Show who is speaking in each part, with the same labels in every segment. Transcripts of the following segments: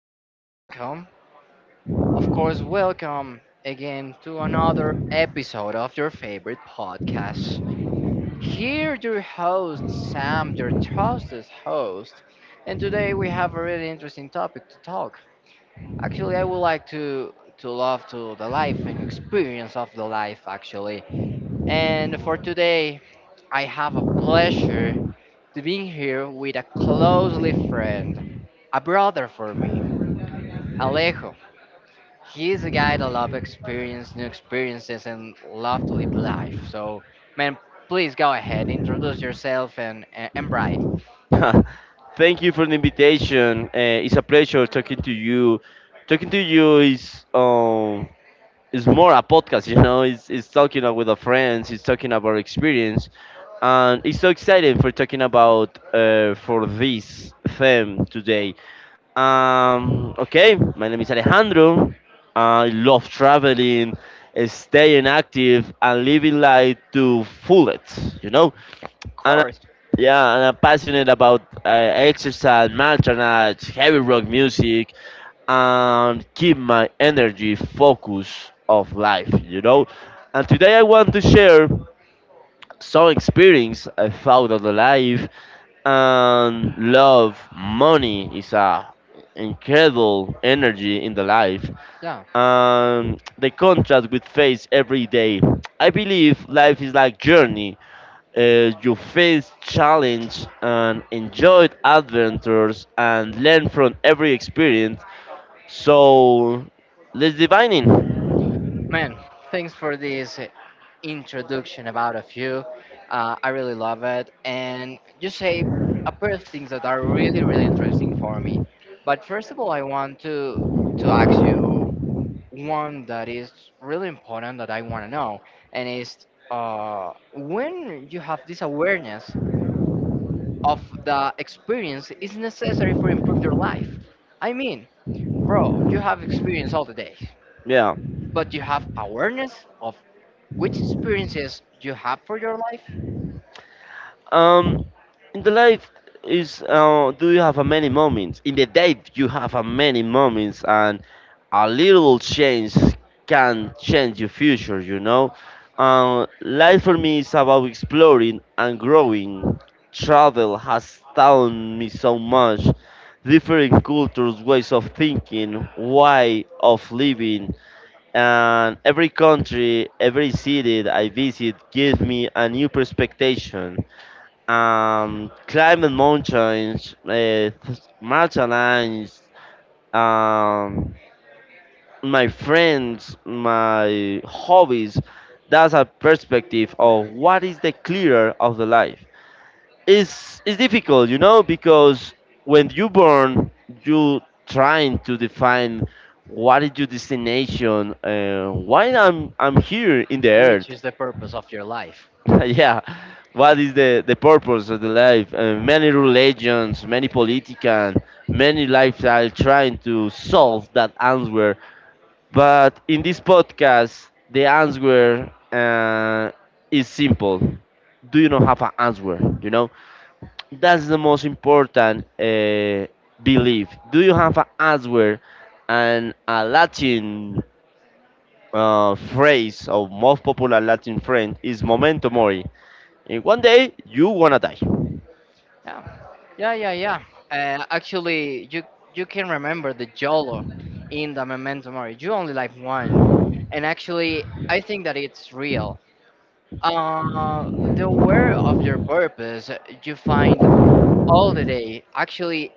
Speaker 1: people, welcome, of course, welcome again to another episode of your favorite podcast. Here, your host, Sam, your trusted host, and today we have a really interesting topic to talk. Actually, I would like to love to the life and experience of the life actually. And for today, I have a pleasure to being here with a closely friend, a brother for me, Alejo. He's a guy that loves experience, new experiences, and love to live life. So, man, please go ahead, introduce yourself and and Bright.
Speaker 2: Thank you for the invitation. It's a pleasure talking to you. Talking to you is more a podcast, It's talking with our friends. It's talking about experience, and it's so exciting for talking about for this theme today. Okay, my name is Alejandro. I love traveling, staying active, and living life to full it. you know.
Speaker 1: Of
Speaker 2: And
Speaker 1: course.
Speaker 2: yeah, and I'm passionate about exercise, martial arts, heavy rock music, and keep my energy focus of life, And today I want to share some experience I found on the life and love. Money is a incredible energy in the life
Speaker 1: Yeah,
Speaker 2: and the contrast we face every day. I believe life is like journey you face challenge and enjoyed adventures and learn from every experience. So let's divine in.
Speaker 1: man, thanks for this introduction about of you. I really love it, and you say a pair of things that are really, really interesting for me. But first of all, I want to ask you one that is really important that I want to know, and is when you have this awareness of the experience is necessary for improve your life. I mean, bro, you have experience all the day,
Speaker 2: Yeah.
Speaker 1: but you have awareness of which experiences you have for your life,
Speaker 2: Um, in the life is do you have a many moments in the day you have a many moments and a little change can change your future, life for me is about exploring and growing. Travel has taught me so much different cultures, ways of thinking, way of living, and every country, every city that I visit gives me a new perspective. Climbing mountains, mountain lines, um, my friends, my hobbies. That's a perspective of what is the clearer of the life. It's difficult, you know, because when you born, you trying to define what is your destination, why I'm here in the earth.
Speaker 1: which is the purpose of your life.
Speaker 2: Yeah, what is the purpose of the life? Many religions, many politicians, many lifestyle trying to solve that answer, but in this podcast the answer is simple. Do you not have an answer, you know? That's the most important belief. Do you have an answer? And a latin phrase, or most popular latin phrase, is memento mori, and one day you wanna die.
Speaker 1: Yeah. Yeah. Actually, you can remember the Jolo in the Memento Mori. You only like one, and actually, I think that it's real. Uh, the aware of your purpose, you find all the day. Actually,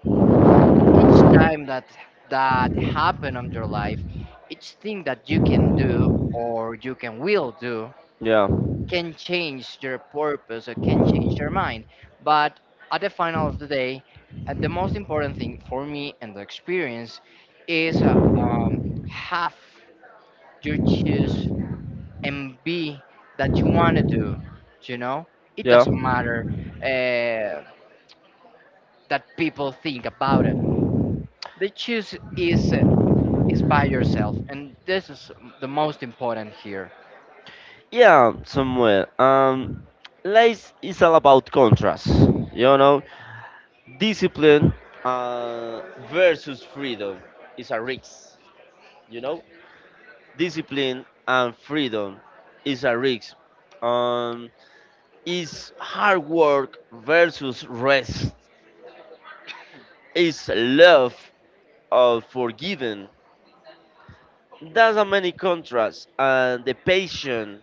Speaker 1: each time that happen on your life, each thing that you can do or you can will do,
Speaker 2: Yeah,
Speaker 1: can change their purpose or can change their mind. But at the final of the day, the most important thing for me and the experience is um, have you choose and be that you want to do. You know, it
Speaker 2: yeah,
Speaker 1: doesn't matter uh, that people think about it. The choose is by yourself, and this is the most important here.
Speaker 2: yeah. Somewhere. Life is all about contrast. You know, discipline uh, versus freedom is a risk. You know, discipline and freedom is a risk. Um, is hard work versus rest. Is love of forgiving. There's a many contrasts and the passion,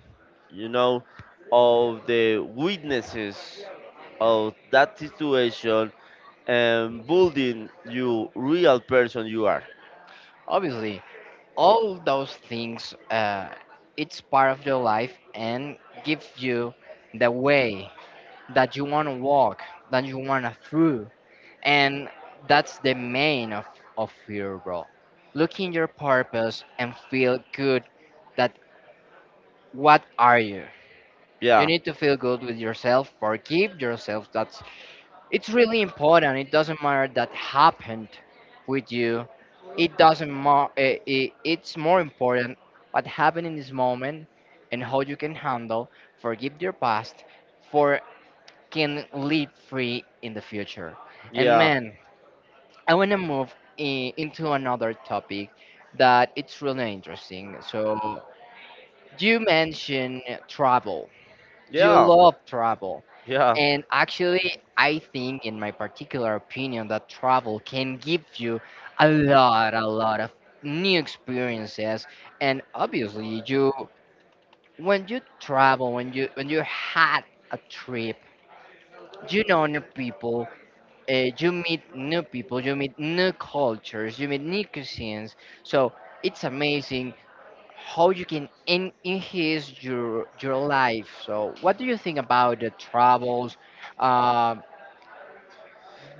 Speaker 2: you know, of the witnesses of that situation and building you real person you are.
Speaker 1: Obviously, all those things it's part of your life and gives you the way that you want to walk that you want to through and that's the main of your role look in your purpose and feel good that what are you you
Speaker 2: Yeah,
Speaker 1: need to feel good with yourself forgive yourself that it's really important. It doesn't matter that happened with you. It doesn't matter. It's more important what happened in this moment and how you can handle, forgive your past, for can live free in the future. And
Speaker 2: yeah,
Speaker 1: man, I want to move I into another topic that it's really interesting. So you mentioned travel. You
Speaker 2: yeah,
Speaker 1: love travel.
Speaker 2: yeah.
Speaker 1: And actually, I think, in my particular opinion, that travel can give you a lot of new experiences. And obviously, you when you travel, when you had a trip, you know new people. You meet new people, you meet new cultures, you meet new cuisines. So it's amazing how you can en- enhance your life. So, what do you think about the travels? Um,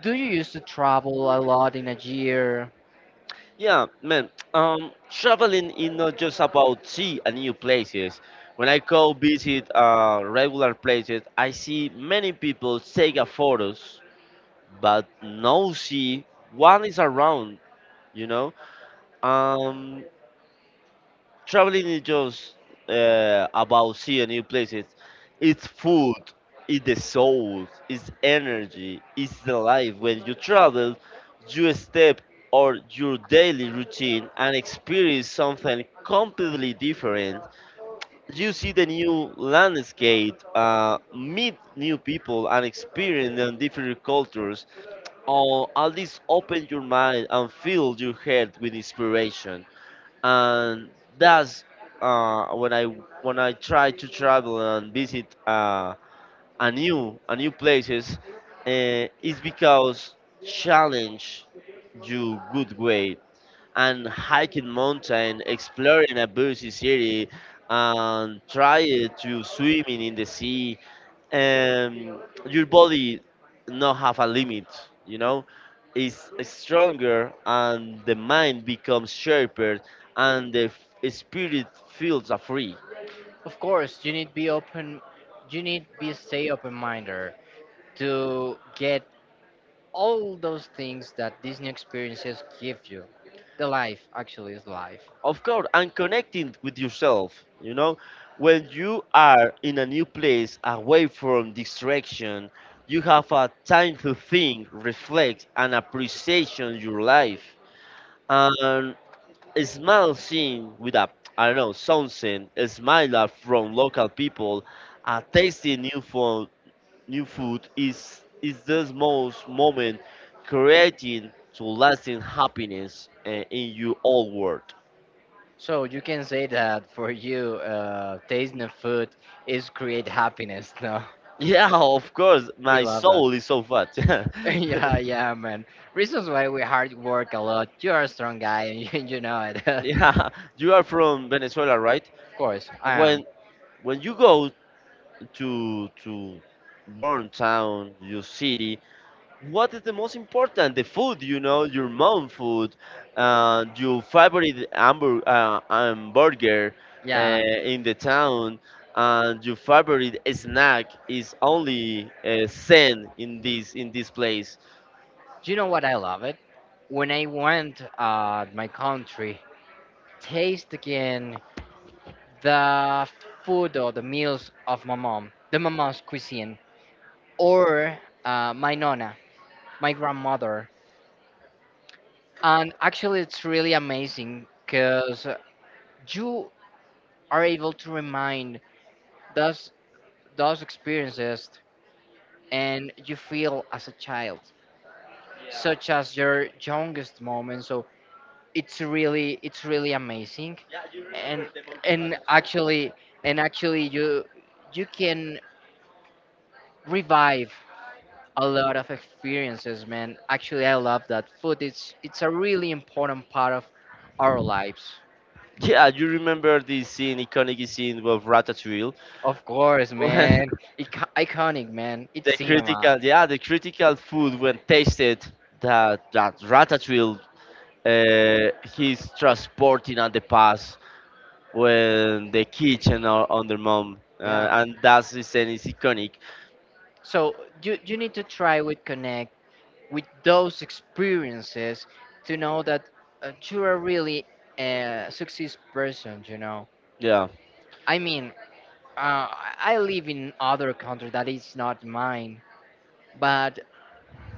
Speaker 1: do you used to travel a lot in a year?
Speaker 2: Yeah, man. Traveling is not just about see a new places. When I go visit regular places, I see many people take a photos, but no see one is around. You know, um, traveling is just about seeing new places. It's food, it's the soul, it's energy, it's the life. When you travel, you step or your daily routine and experience something completely different. You see the new landscape, meet new people, and experience the different cultures. Or at least open your mind and fill your head with inspiration, and that's uh, when I when I try to travel and visit a new places uh, is because challenge you good way and hiking mountain, exploring a busy city, and try to swimming in the sea. Um, your body not have a limit, you know, is stronger, and the mind becomes sharper, and the spirit feels are free.
Speaker 1: Of course, you need be open. You need be stay open minded to get all those things that Disney experiences give you. The life actually is life.
Speaker 2: Of course, and connecting with yourself, you know, when you are in a new place away from distraction, you have a time to think, reflect, and appreciate your life. And a small scene with a, I don't know, something, a smile up from local people, a tasty new food. New food is the most moment creating to lasting happiness in your old world.
Speaker 1: So you can say that for you, tasting the food is create happiness. No,
Speaker 2: Yeah, of course.
Speaker 1: we
Speaker 2: My
Speaker 1: love that.
Speaker 2: soul is so fat.
Speaker 1: Yeah, yeah, man. Reasons why we hard work a lot. You're a strong guy, and you know it. Of
Speaker 2: Yeah, you are from Venezuela, right?
Speaker 1: course, I am.
Speaker 2: When when you go to born town, your city, what is the most important? The food, you know, your mom food, your favorite hamburger, burger
Speaker 1: Yeah,
Speaker 2: in the town, and your favorite snack is only Zen in this place.
Speaker 1: you know what I love it. When I went my country, taste again the food or the meals of my mom, the mama's cuisine, or my nonna, my grandmother, and actually it's really amazing because you are able to remind those those experiences and you feel as a child, such as your youngest moment. So it's really amazing, and and actually and actually you can revive a lot of experiences, man. Actually, I love that food. It's a really important part of our lives.
Speaker 2: Yeah, you remember this scene, iconic scene of Ratatouille.
Speaker 1: Of course, man. Ic- iconic, man. It's
Speaker 2: The
Speaker 1: cinema.
Speaker 2: critical, yeah, the critical food when tasted that Ratatouille, he's transporting on the past when the kitchen or on their mom,
Speaker 1: Yeah.
Speaker 2: and that's the scene is iconic.
Speaker 1: So you need to try with Connect with those experiences to know that you are really a success person you know
Speaker 2: Yeah,
Speaker 1: I mean uh, I live in other country that is not mine but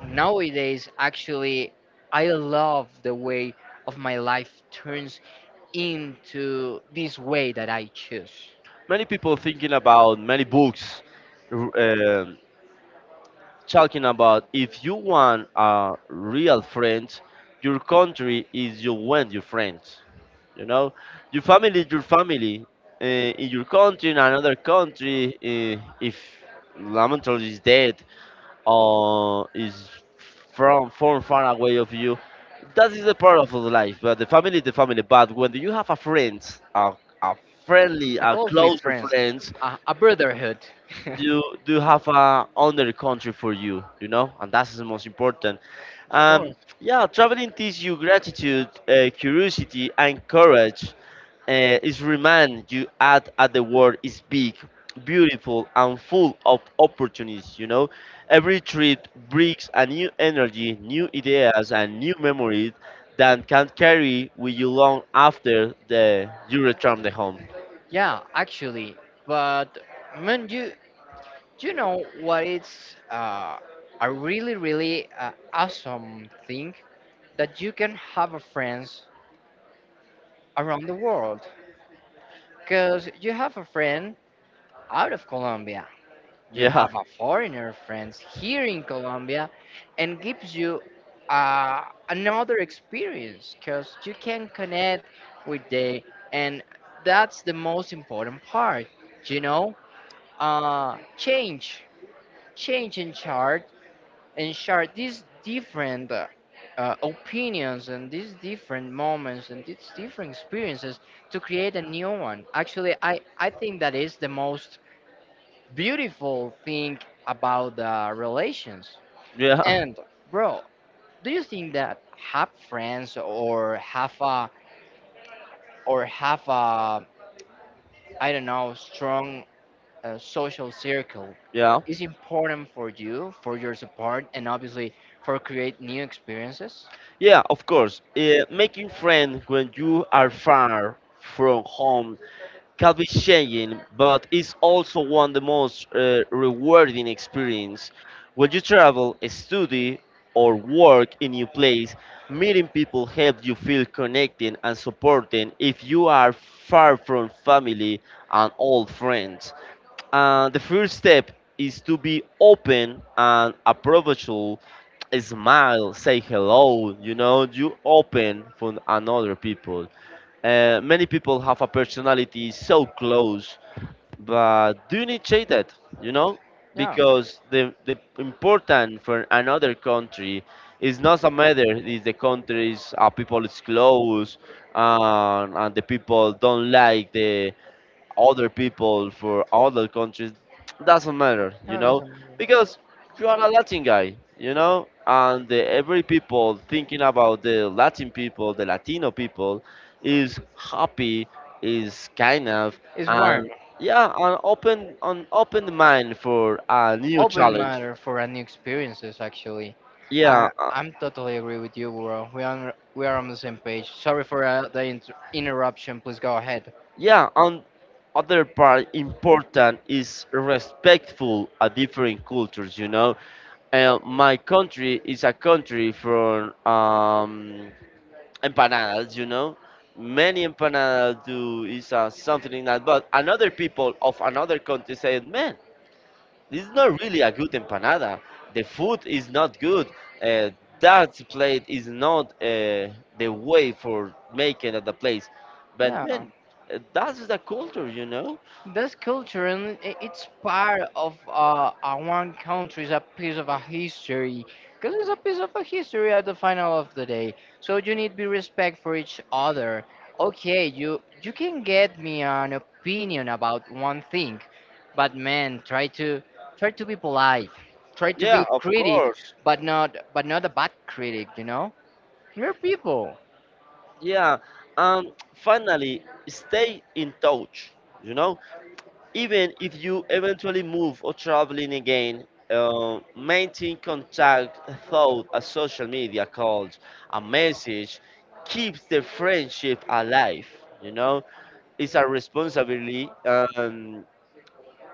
Speaker 1: nowadays actually I love the way of my life turns into this way that I choose
Speaker 2: many people thinking about many books, r- um talking about if you want a real friend, your country is you want your friends. You know, your family is your family. Uh, in your country, in another country, if Lamentable is dead, is from far away of you. That is the part of life. But the family is the family. But when you have a friend, a, a friendly,
Speaker 1: a
Speaker 2: a
Speaker 1: closely
Speaker 2: closer
Speaker 1: friends
Speaker 2: friend,
Speaker 1: a brotherhood
Speaker 2: you do have a other country for you, you know, and that's the most important.
Speaker 1: Of
Speaker 2: Um,
Speaker 1: course.
Speaker 2: yeah, traveling teaches you gratitude, curiosity, and courage. Is remind you at the world is big, beautiful, and full of opportunities. You know, every trip brings a new energy, new ideas, and new memories that can carry with you long after the you return the home.
Speaker 1: Yeah actually but man you you know what? It's a really, really awesome thing that you can have a friends around the world. Because you have a friend out of Colombia, you
Speaker 2: Yeah,
Speaker 1: have a foreigner friends here in Colombia, and gives you uh, another experience. Because you can connect with they, and that's the most important part. You know, uh, change, change in charge and share these different opinions and these different moments and these different experiences to create a new one. Actually, I think that is the most beautiful thing about the relations.
Speaker 2: yeah,
Speaker 1: And bro, do you think that have friends or have a I don't know strong social circle
Speaker 2: yeah,
Speaker 1: is important for you for your support and obviously for create new experiences?
Speaker 2: yeah. Of course, making friends when you are far from home can be changing, but it's also one of the most rewarding experience. When you travel, study, or work in new place, meeting people help you feel connected and supported if you are far from family and old friends. And the first step is to be open and approachable. Smile, say hello. You know, you open for another people. Many people have a personality so close, but do you need check that, you know?
Speaker 1: Yeah.
Speaker 2: Because the important for another country is not a matter if the countries people is close, and the people don't like the other people for other countries doesn't matter, you know,
Speaker 1: Nudism
Speaker 2: because you are a Latin guy, you know, and the, every people thinking about the Latin people, the Latino people, is happy, is kind of,
Speaker 1: is warm,
Speaker 2: and yeah, an open mind for a new
Speaker 1: open
Speaker 2: challenge.
Speaker 1: matter for a new experiences. Actually, I
Speaker 2: Yeah, uh,
Speaker 1: I'm totally agree with you, bro. We are on the same page. Sorry for the inter- interruption. Please go ahead.
Speaker 2: Yeah, and other part important is respectful at different cultures. You know, my country is a country from empanadas. You know, many empanadas do is something like that. But another people of another country said, "Man, this is not really a good empanada. The food is not good. Uh, that plate is not the way for making at the place. But
Speaker 1: Yeah,
Speaker 2: man, that is the culture, you know?"
Speaker 1: this culture and I- it's part of one country's a piece of a history. Because it's a piece of a history at the final of the day. So you need to be respect for each other. Okay, you can get me an opinion about one thing but man, try to be polite. Try to
Speaker 2: Yeah,
Speaker 1: be
Speaker 2: of
Speaker 1: critic,
Speaker 2: course.
Speaker 1: but not a bad critic. You know, we're people.
Speaker 2: Yeah. Finally, stay in touch. You know, even if you eventually move or traveling again, maintain contact through a social media called a message keeps the friendship alive. You know, it's a responsibility, and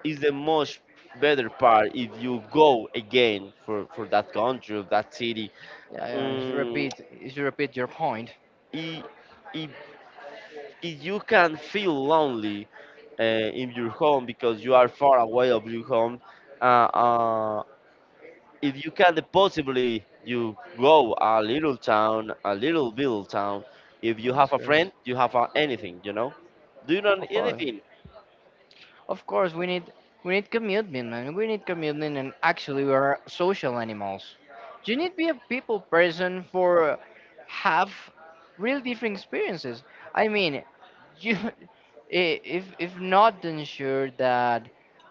Speaker 2: it's the most better part if you go again for that country or that city.
Speaker 1: Yeah, yeah. You should
Speaker 2: Mm,
Speaker 1: repeat. You should repeat your point.
Speaker 2: it, it if you can feel lonely in your home because you are far away of your home, uh, uh, if you can possibly you go a little town, a little village town. If you
Speaker 1: Of
Speaker 2: have a
Speaker 1: course,
Speaker 2: friend, you have a, anything, you know. Do you know
Speaker 1: of course.
Speaker 2: anything?
Speaker 1: Of course, we need commitment, man. We need commitment, and actually, we are social animals. You need to be a people person for have real different experiences. I mean, you I- if not ensure that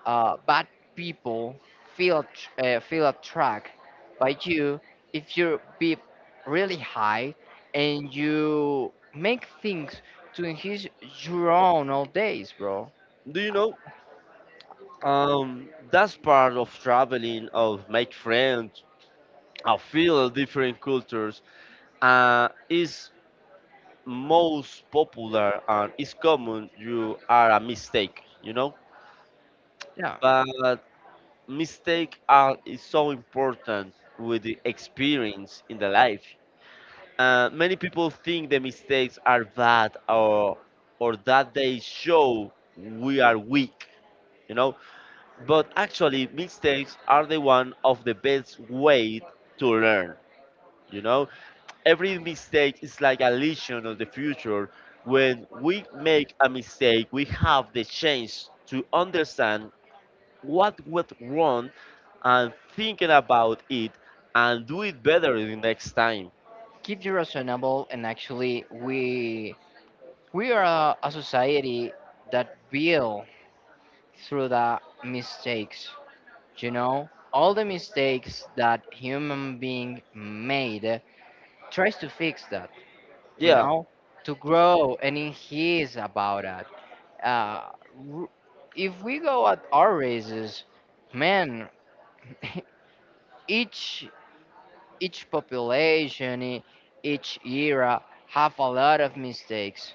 Speaker 1: bad people feel att- feel attracted by you, if you be really high and you make things to enhance your own all days, bro.
Speaker 2: Do you know? That's part of traveling, of make friends, of feel different cultures. Is most popular and is common. You are a mistake, you know,
Speaker 1: Yeah.
Speaker 2: but mistake are is so important with the experience in the life. Many people think the mistakes are bad, or that they show we are weak, you know. But actually, mistakes are the one of the best way to learn, you know. Every mistake is like a lesson of the future. When we make a mistake, we have the chance to understand what went wrong and thinking about it and do it better the next time.
Speaker 1: Keep you reasonable and actually we are a society that build through the mistakes you know all the mistakes that human being made tries to fix that you
Speaker 2: Yeah,
Speaker 1: know to grow and he is about that uh, r- if we go at our races man each each population e- each era have a lot of mistakes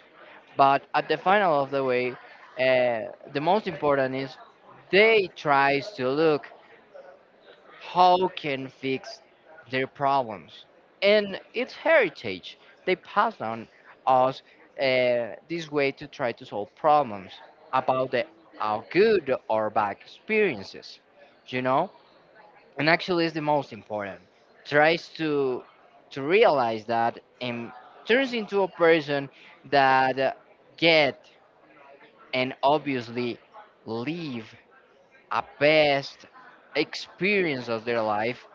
Speaker 1: but at the final of the way, the most important is they tries to look how can fix their problems, and it's heritage they pass on us this way to try to solve problems about the our good or bad experiences, you know. And actually, is the most important. Tries to realize that and turns into a person that get and obviously live a best experience of their life.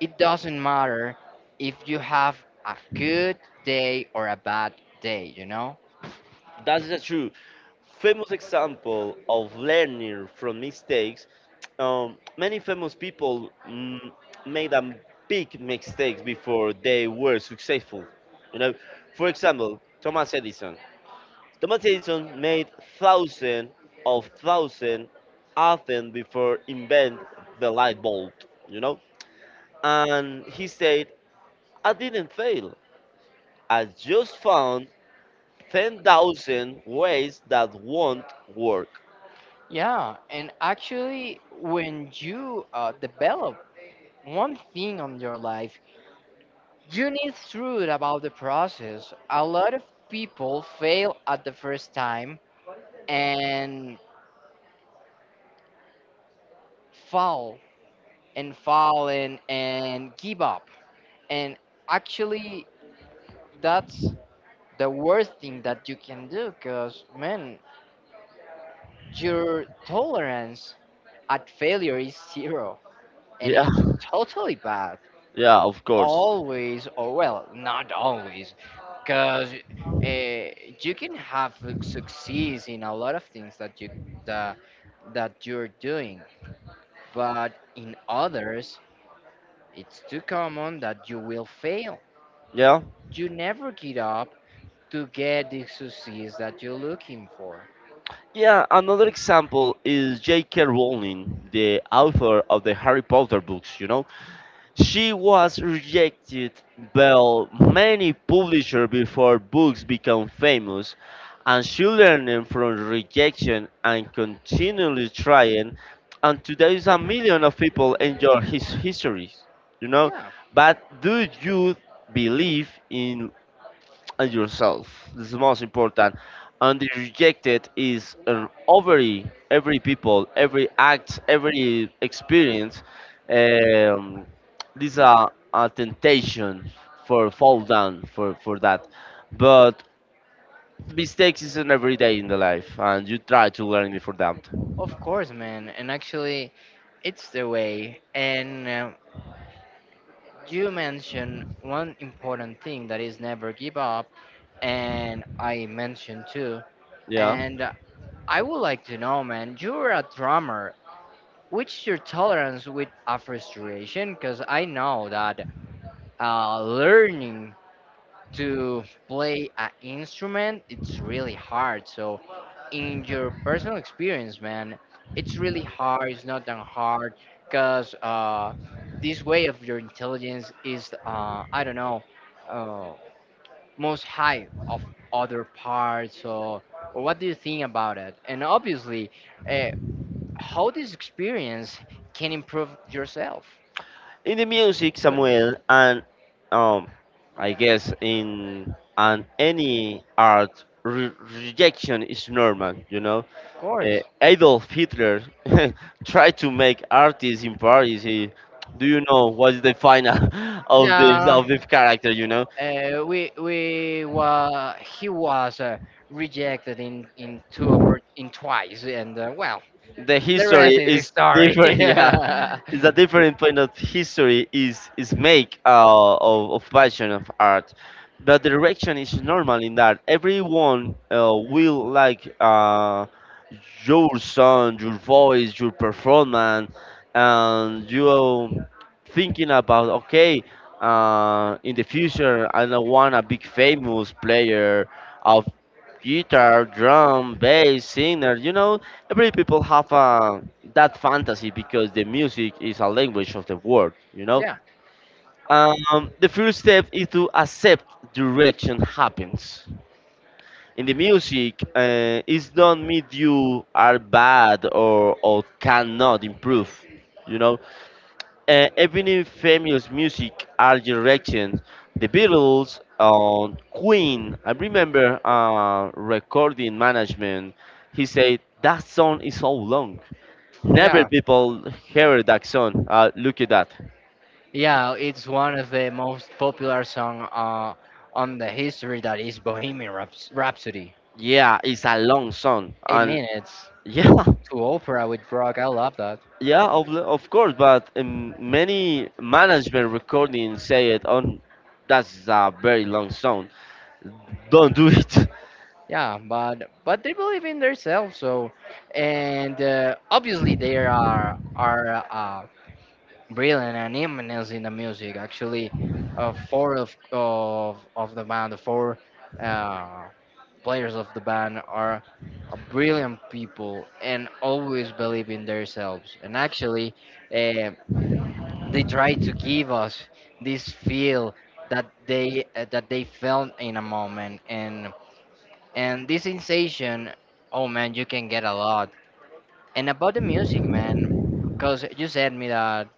Speaker 1: It doesn't matter if you have a good day or a bad day, you know?
Speaker 2: that's the true. Famous example of learning from mistakes. Many famous people made a big mistakes before they were successful. You know, for example, Thomas Edison. Thomas Edison made thousand of thousand often before invent the light bulb. You know, and he said, I didn't fail. I just found 10,000 ways that won't work.
Speaker 1: Yeah, and actually, when you develop one thing on your life, you need truth about the process. A lot of people fail at the first time and fall and fall and give up. And actually, that's the worst thing that you can do because man your tolerance at failure is zero and
Speaker 2: Yeah,
Speaker 1: it's totally bad
Speaker 2: yeah, of course.
Speaker 1: always or well not always because uh, you can have success in a lot of things that, that you're doing but in others it's too common that you will fail
Speaker 2: Yeah.
Speaker 1: you never get up to get the success that you're looking for
Speaker 2: Yeah, another example is J.K. Rowling, the author of the Harry Potter books, you know. She was rejected by many publishers before books became famous, and she learned from rejection and continually trying. And today, is a million of people enjoy his histories, you know.
Speaker 1: yeah
Speaker 2: But do you believe in and yourself. This is the most important. And the rejected is an every people, every act, every experience. Um, these are a temptation for fall down for that. But mistakes is an everyday in the life, and you try to learn it for that.
Speaker 1: Of course, man. And actually, it's the way. And you mentioned one important thing that is never give up. And I mentioned too.
Speaker 2: Yeah.
Speaker 1: And I would like to know, man, you're a drummer. Which your tolerance with a frustration? Because I know that learning to play an instrument it's really hard. So in your personal experience, man, it's really hard. It's not that hard because this way of your intelligence is, I don't know, uh, most high of other parts. Or what do you think about it? And obviously, uh, how this experience can improve yourself.
Speaker 2: In the music,
Speaker 1: Good,
Speaker 2: Samuel, and um, I guess in and any art rejection is normal. You know,
Speaker 1: of course.
Speaker 2: Adolf Hitler tried to make artists in Paris. He, do you know what's the final of this
Speaker 1: Yeah,
Speaker 2: of this character? You know,
Speaker 1: we were he was rejected in two oppor- in twice, and well,
Speaker 2: the
Speaker 1: the rest
Speaker 2: history
Speaker 1: is
Speaker 2: is
Speaker 1: history.
Speaker 2: different yeah,
Speaker 1: Yeah,
Speaker 2: it's a different point of history is make of passion of art. The direction is normal in that everyone will like your sound, your voice, your performance, and you thinking about okay, in the future I don't want a big famous player of guitar, drum, bass, singer, you know. Every people have that fantasy because the music is a language of the world, you know. The first step is to accept direction happens in the music. Uh, it don't mean you are bad or cannot improve, you know. Even in famous music are direction, the Beatles on Queen. I remember recording management, he said that song is so long. Never
Speaker 1: yeah,
Speaker 2: people hear that song. Look at that.
Speaker 1: yeah. It's one of the most popular song on the history that is Bohemian Raps- Rhapsody.
Speaker 2: Yeah, it's a long song,
Speaker 1: Eight
Speaker 2: and
Speaker 1: minutes
Speaker 2: yeah,
Speaker 1: to opera with rock. I love that.
Speaker 2: yeah, of course. But many management recordings say it on. That's a very long song. Don't do it.
Speaker 1: Yeah, but they believe in themselves. So, and obviously they are brilliant and eminence in the music. Actually, four of the band, the four uh, players of the band are brilliant people and always believe in themselves. And actually, uh, they try to give us this feel that they felt in a moment and this sensation, oh man, you can get a lot. And about the music, man, because you said me that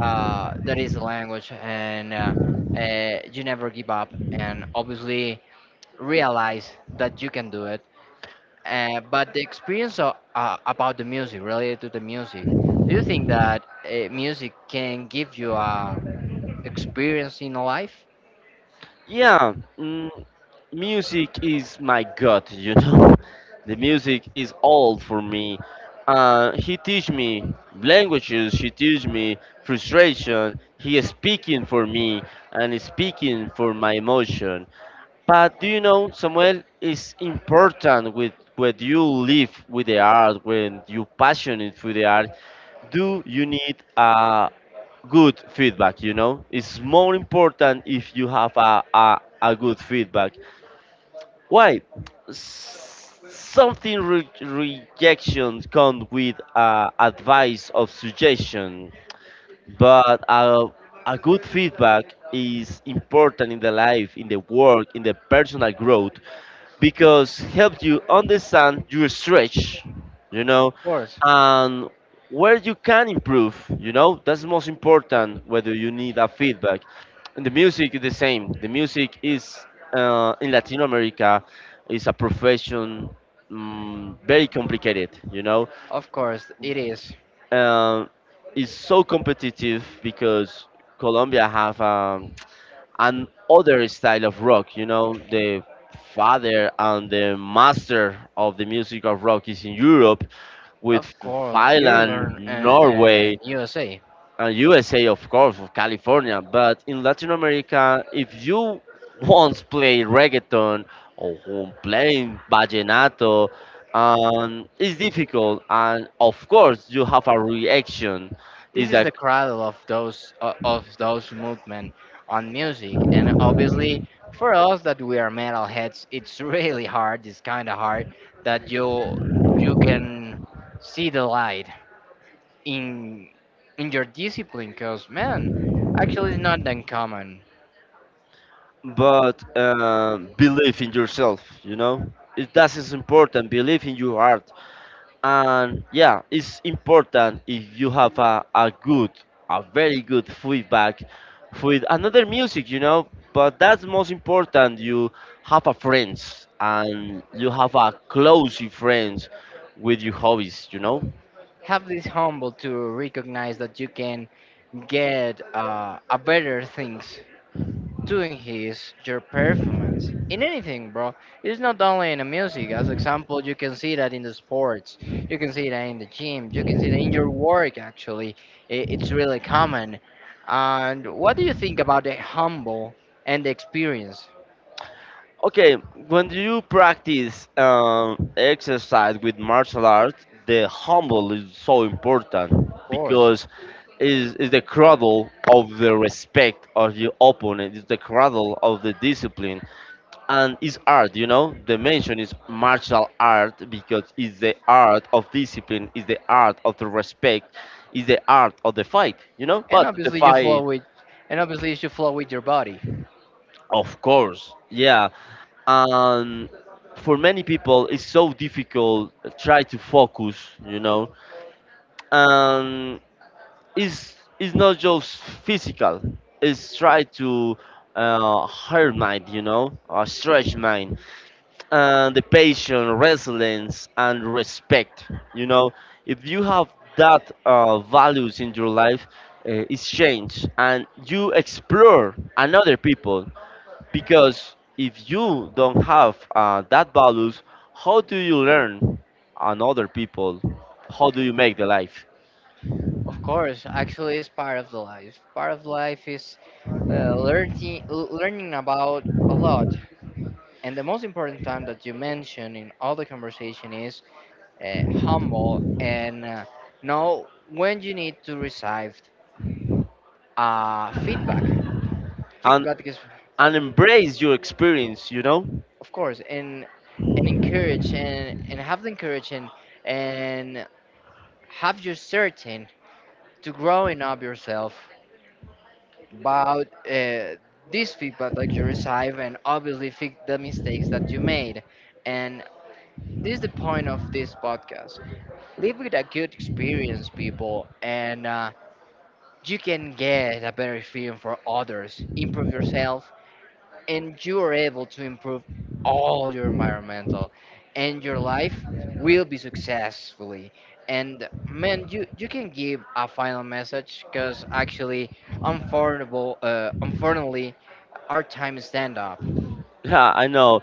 Speaker 1: that is the language, and you never give up, and obviously realize that you can do it. But the experience of, about the music, related to the music, do you think that music can give you a experience in life?
Speaker 2: Yeah, mm, music is my god, you know. The music is all for me. He teach me languages. He teach me frustration. He is speaking for me and is speaking for my emotion. But do you know, Samuel, it's important with when you live with the art, when you passionate for the art, do you need a good feedback, you know? It's more important if you have a, a good feedback. Why? S- Something rejection come with advice of suggestion, but a good feedback is important in the life, in the work, in the personal growth because helps you understand your stretch, you know,
Speaker 1: Of course,
Speaker 2: and where you can improve, you know, that's the most important whether you need a feedback. And the music is the same. The music is in Latin America is a profession, mm, very complicated, you know.
Speaker 1: of course, it is.
Speaker 2: Uh, it's so competitive because Colombia have a and other style of rock. You know, the father and the master of the music of rock is in Europe, with
Speaker 1: Of course,
Speaker 2: Finland,
Speaker 1: Europe and
Speaker 2: Norway,
Speaker 1: born USA.
Speaker 2: and USA, of course, of California. But in Latin America, if you once play reggaeton or who playing vallenato, it's difficult, and of course, you have a reaction.
Speaker 1: This
Speaker 2: Is
Speaker 1: is
Speaker 2: that
Speaker 1: the cradle of those o- of those movement on music, and obviously for us that we are metalheads, it's really hard. It's kind of hard that you can see the light in in your discipline, cause man, actually it's not that common.
Speaker 2: but believe in yourself, you know, it that is important, believe in your heart, and yeah, it's important if you have a good, a very good feedback with another music, you know. But that's most important, you have a friends and you have a close friends with your hobbies, you know.
Speaker 1: Have this humble to recognize that you can get a better things to enhance your performance in anything, bro. It's not only in the music. As example, you can see that in the sports, you can see that in the gym, you can see that in your work. Actually, I- it's really common. And what do you think about the humble and the experience?
Speaker 2: Okay, when you practice exercise with martial arts, the humble is so important
Speaker 1: Of course,
Speaker 2: because is the cradle of the respect of your opponent. It's the cradle of the discipline, and it's art. You know, the mention is martial art because it's the art of discipline, it's the art of the respect, it's the art of the fight. You know,
Speaker 1: and
Speaker 2: but the
Speaker 1: obviously you flow
Speaker 2: fight,
Speaker 1: with, and obviously you should flow with your body.
Speaker 2: of course, yeah. And for many people it's so difficult to try to focus, you know, and it's not just physical, it's try to hard mind, you know, or stretch mind, and the patience, resilience, and respect, you know. If you have that values in your life, it's changed and you explore another people, because if you don't have that values, how do you learn on other people? How do you make the life
Speaker 1: Of course, actually, it's part of the life. Part of life is learning about a lot and the most important time that you mention in all the conversation is humble and know when you need to receive feedback.
Speaker 2: and
Speaker 1: Feedback is,
Speaker 2: and embrace your experience? You know.
Speaker 1: of course, and and encourage and have the courage and have your certain to growing up yourself about this feedback that you receive and obviously fix the mistakes that you made. And this is the point of this podcast live with a good experience, people, and you can get a better feeling for others, improve yourself, and you are able to improve all your environmental, and your life will be successfully. And man, you can give a final message because actually, unfortunately, unfortunately, our time is stand up.
Speaker 2: Yeah, I know.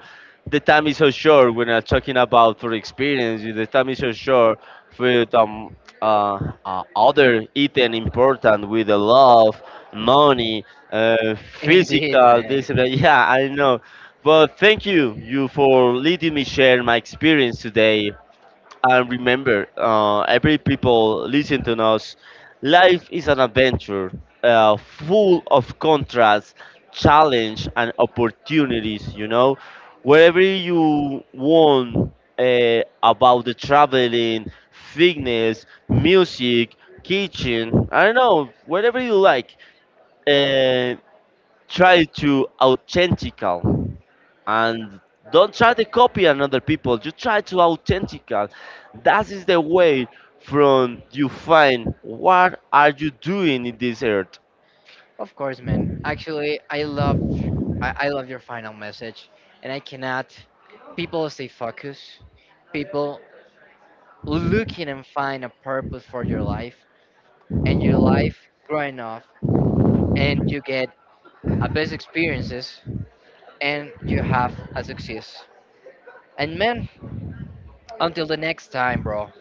Speaker 2: The time is so short when I'm talking about for experience. The time is so short for uh, other item important with the love, money, uh,
Speaker 1: Indeed,
Speaker 2: physical.
Speaker 1: man.
Speaker 2: This and that. Yeah, I know. But thank you, you for letting me share my experience today, and remember, every people listen to us. Life is an adventure, full of contrasts, challenge, and opportunities. You know, wherever you want about the traveling, fitness, music, kitchen. I don't know, whatever you like. Uh, Try to authentical and don't try to copy another people, you try to authentical, that is the way from you find what are you doing in this earth.
Speaker 1: Of course, man. Actually, I love your final message, and I cannot. People stay focused. People looking and find a purpose for your life, and your life growing up, and you get a best experiences, and you have a success. And man, until the next time, bro.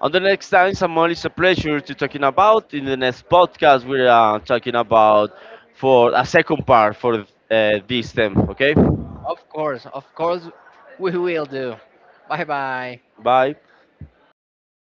Speaker 2: On the next time, Samuel, it's a pleasure to talking about. In the next podcast we are talking about for a second part for this theme, okay.
Speaker 1: Of course, we will do. Bye bye.
Speaker 2: Bye.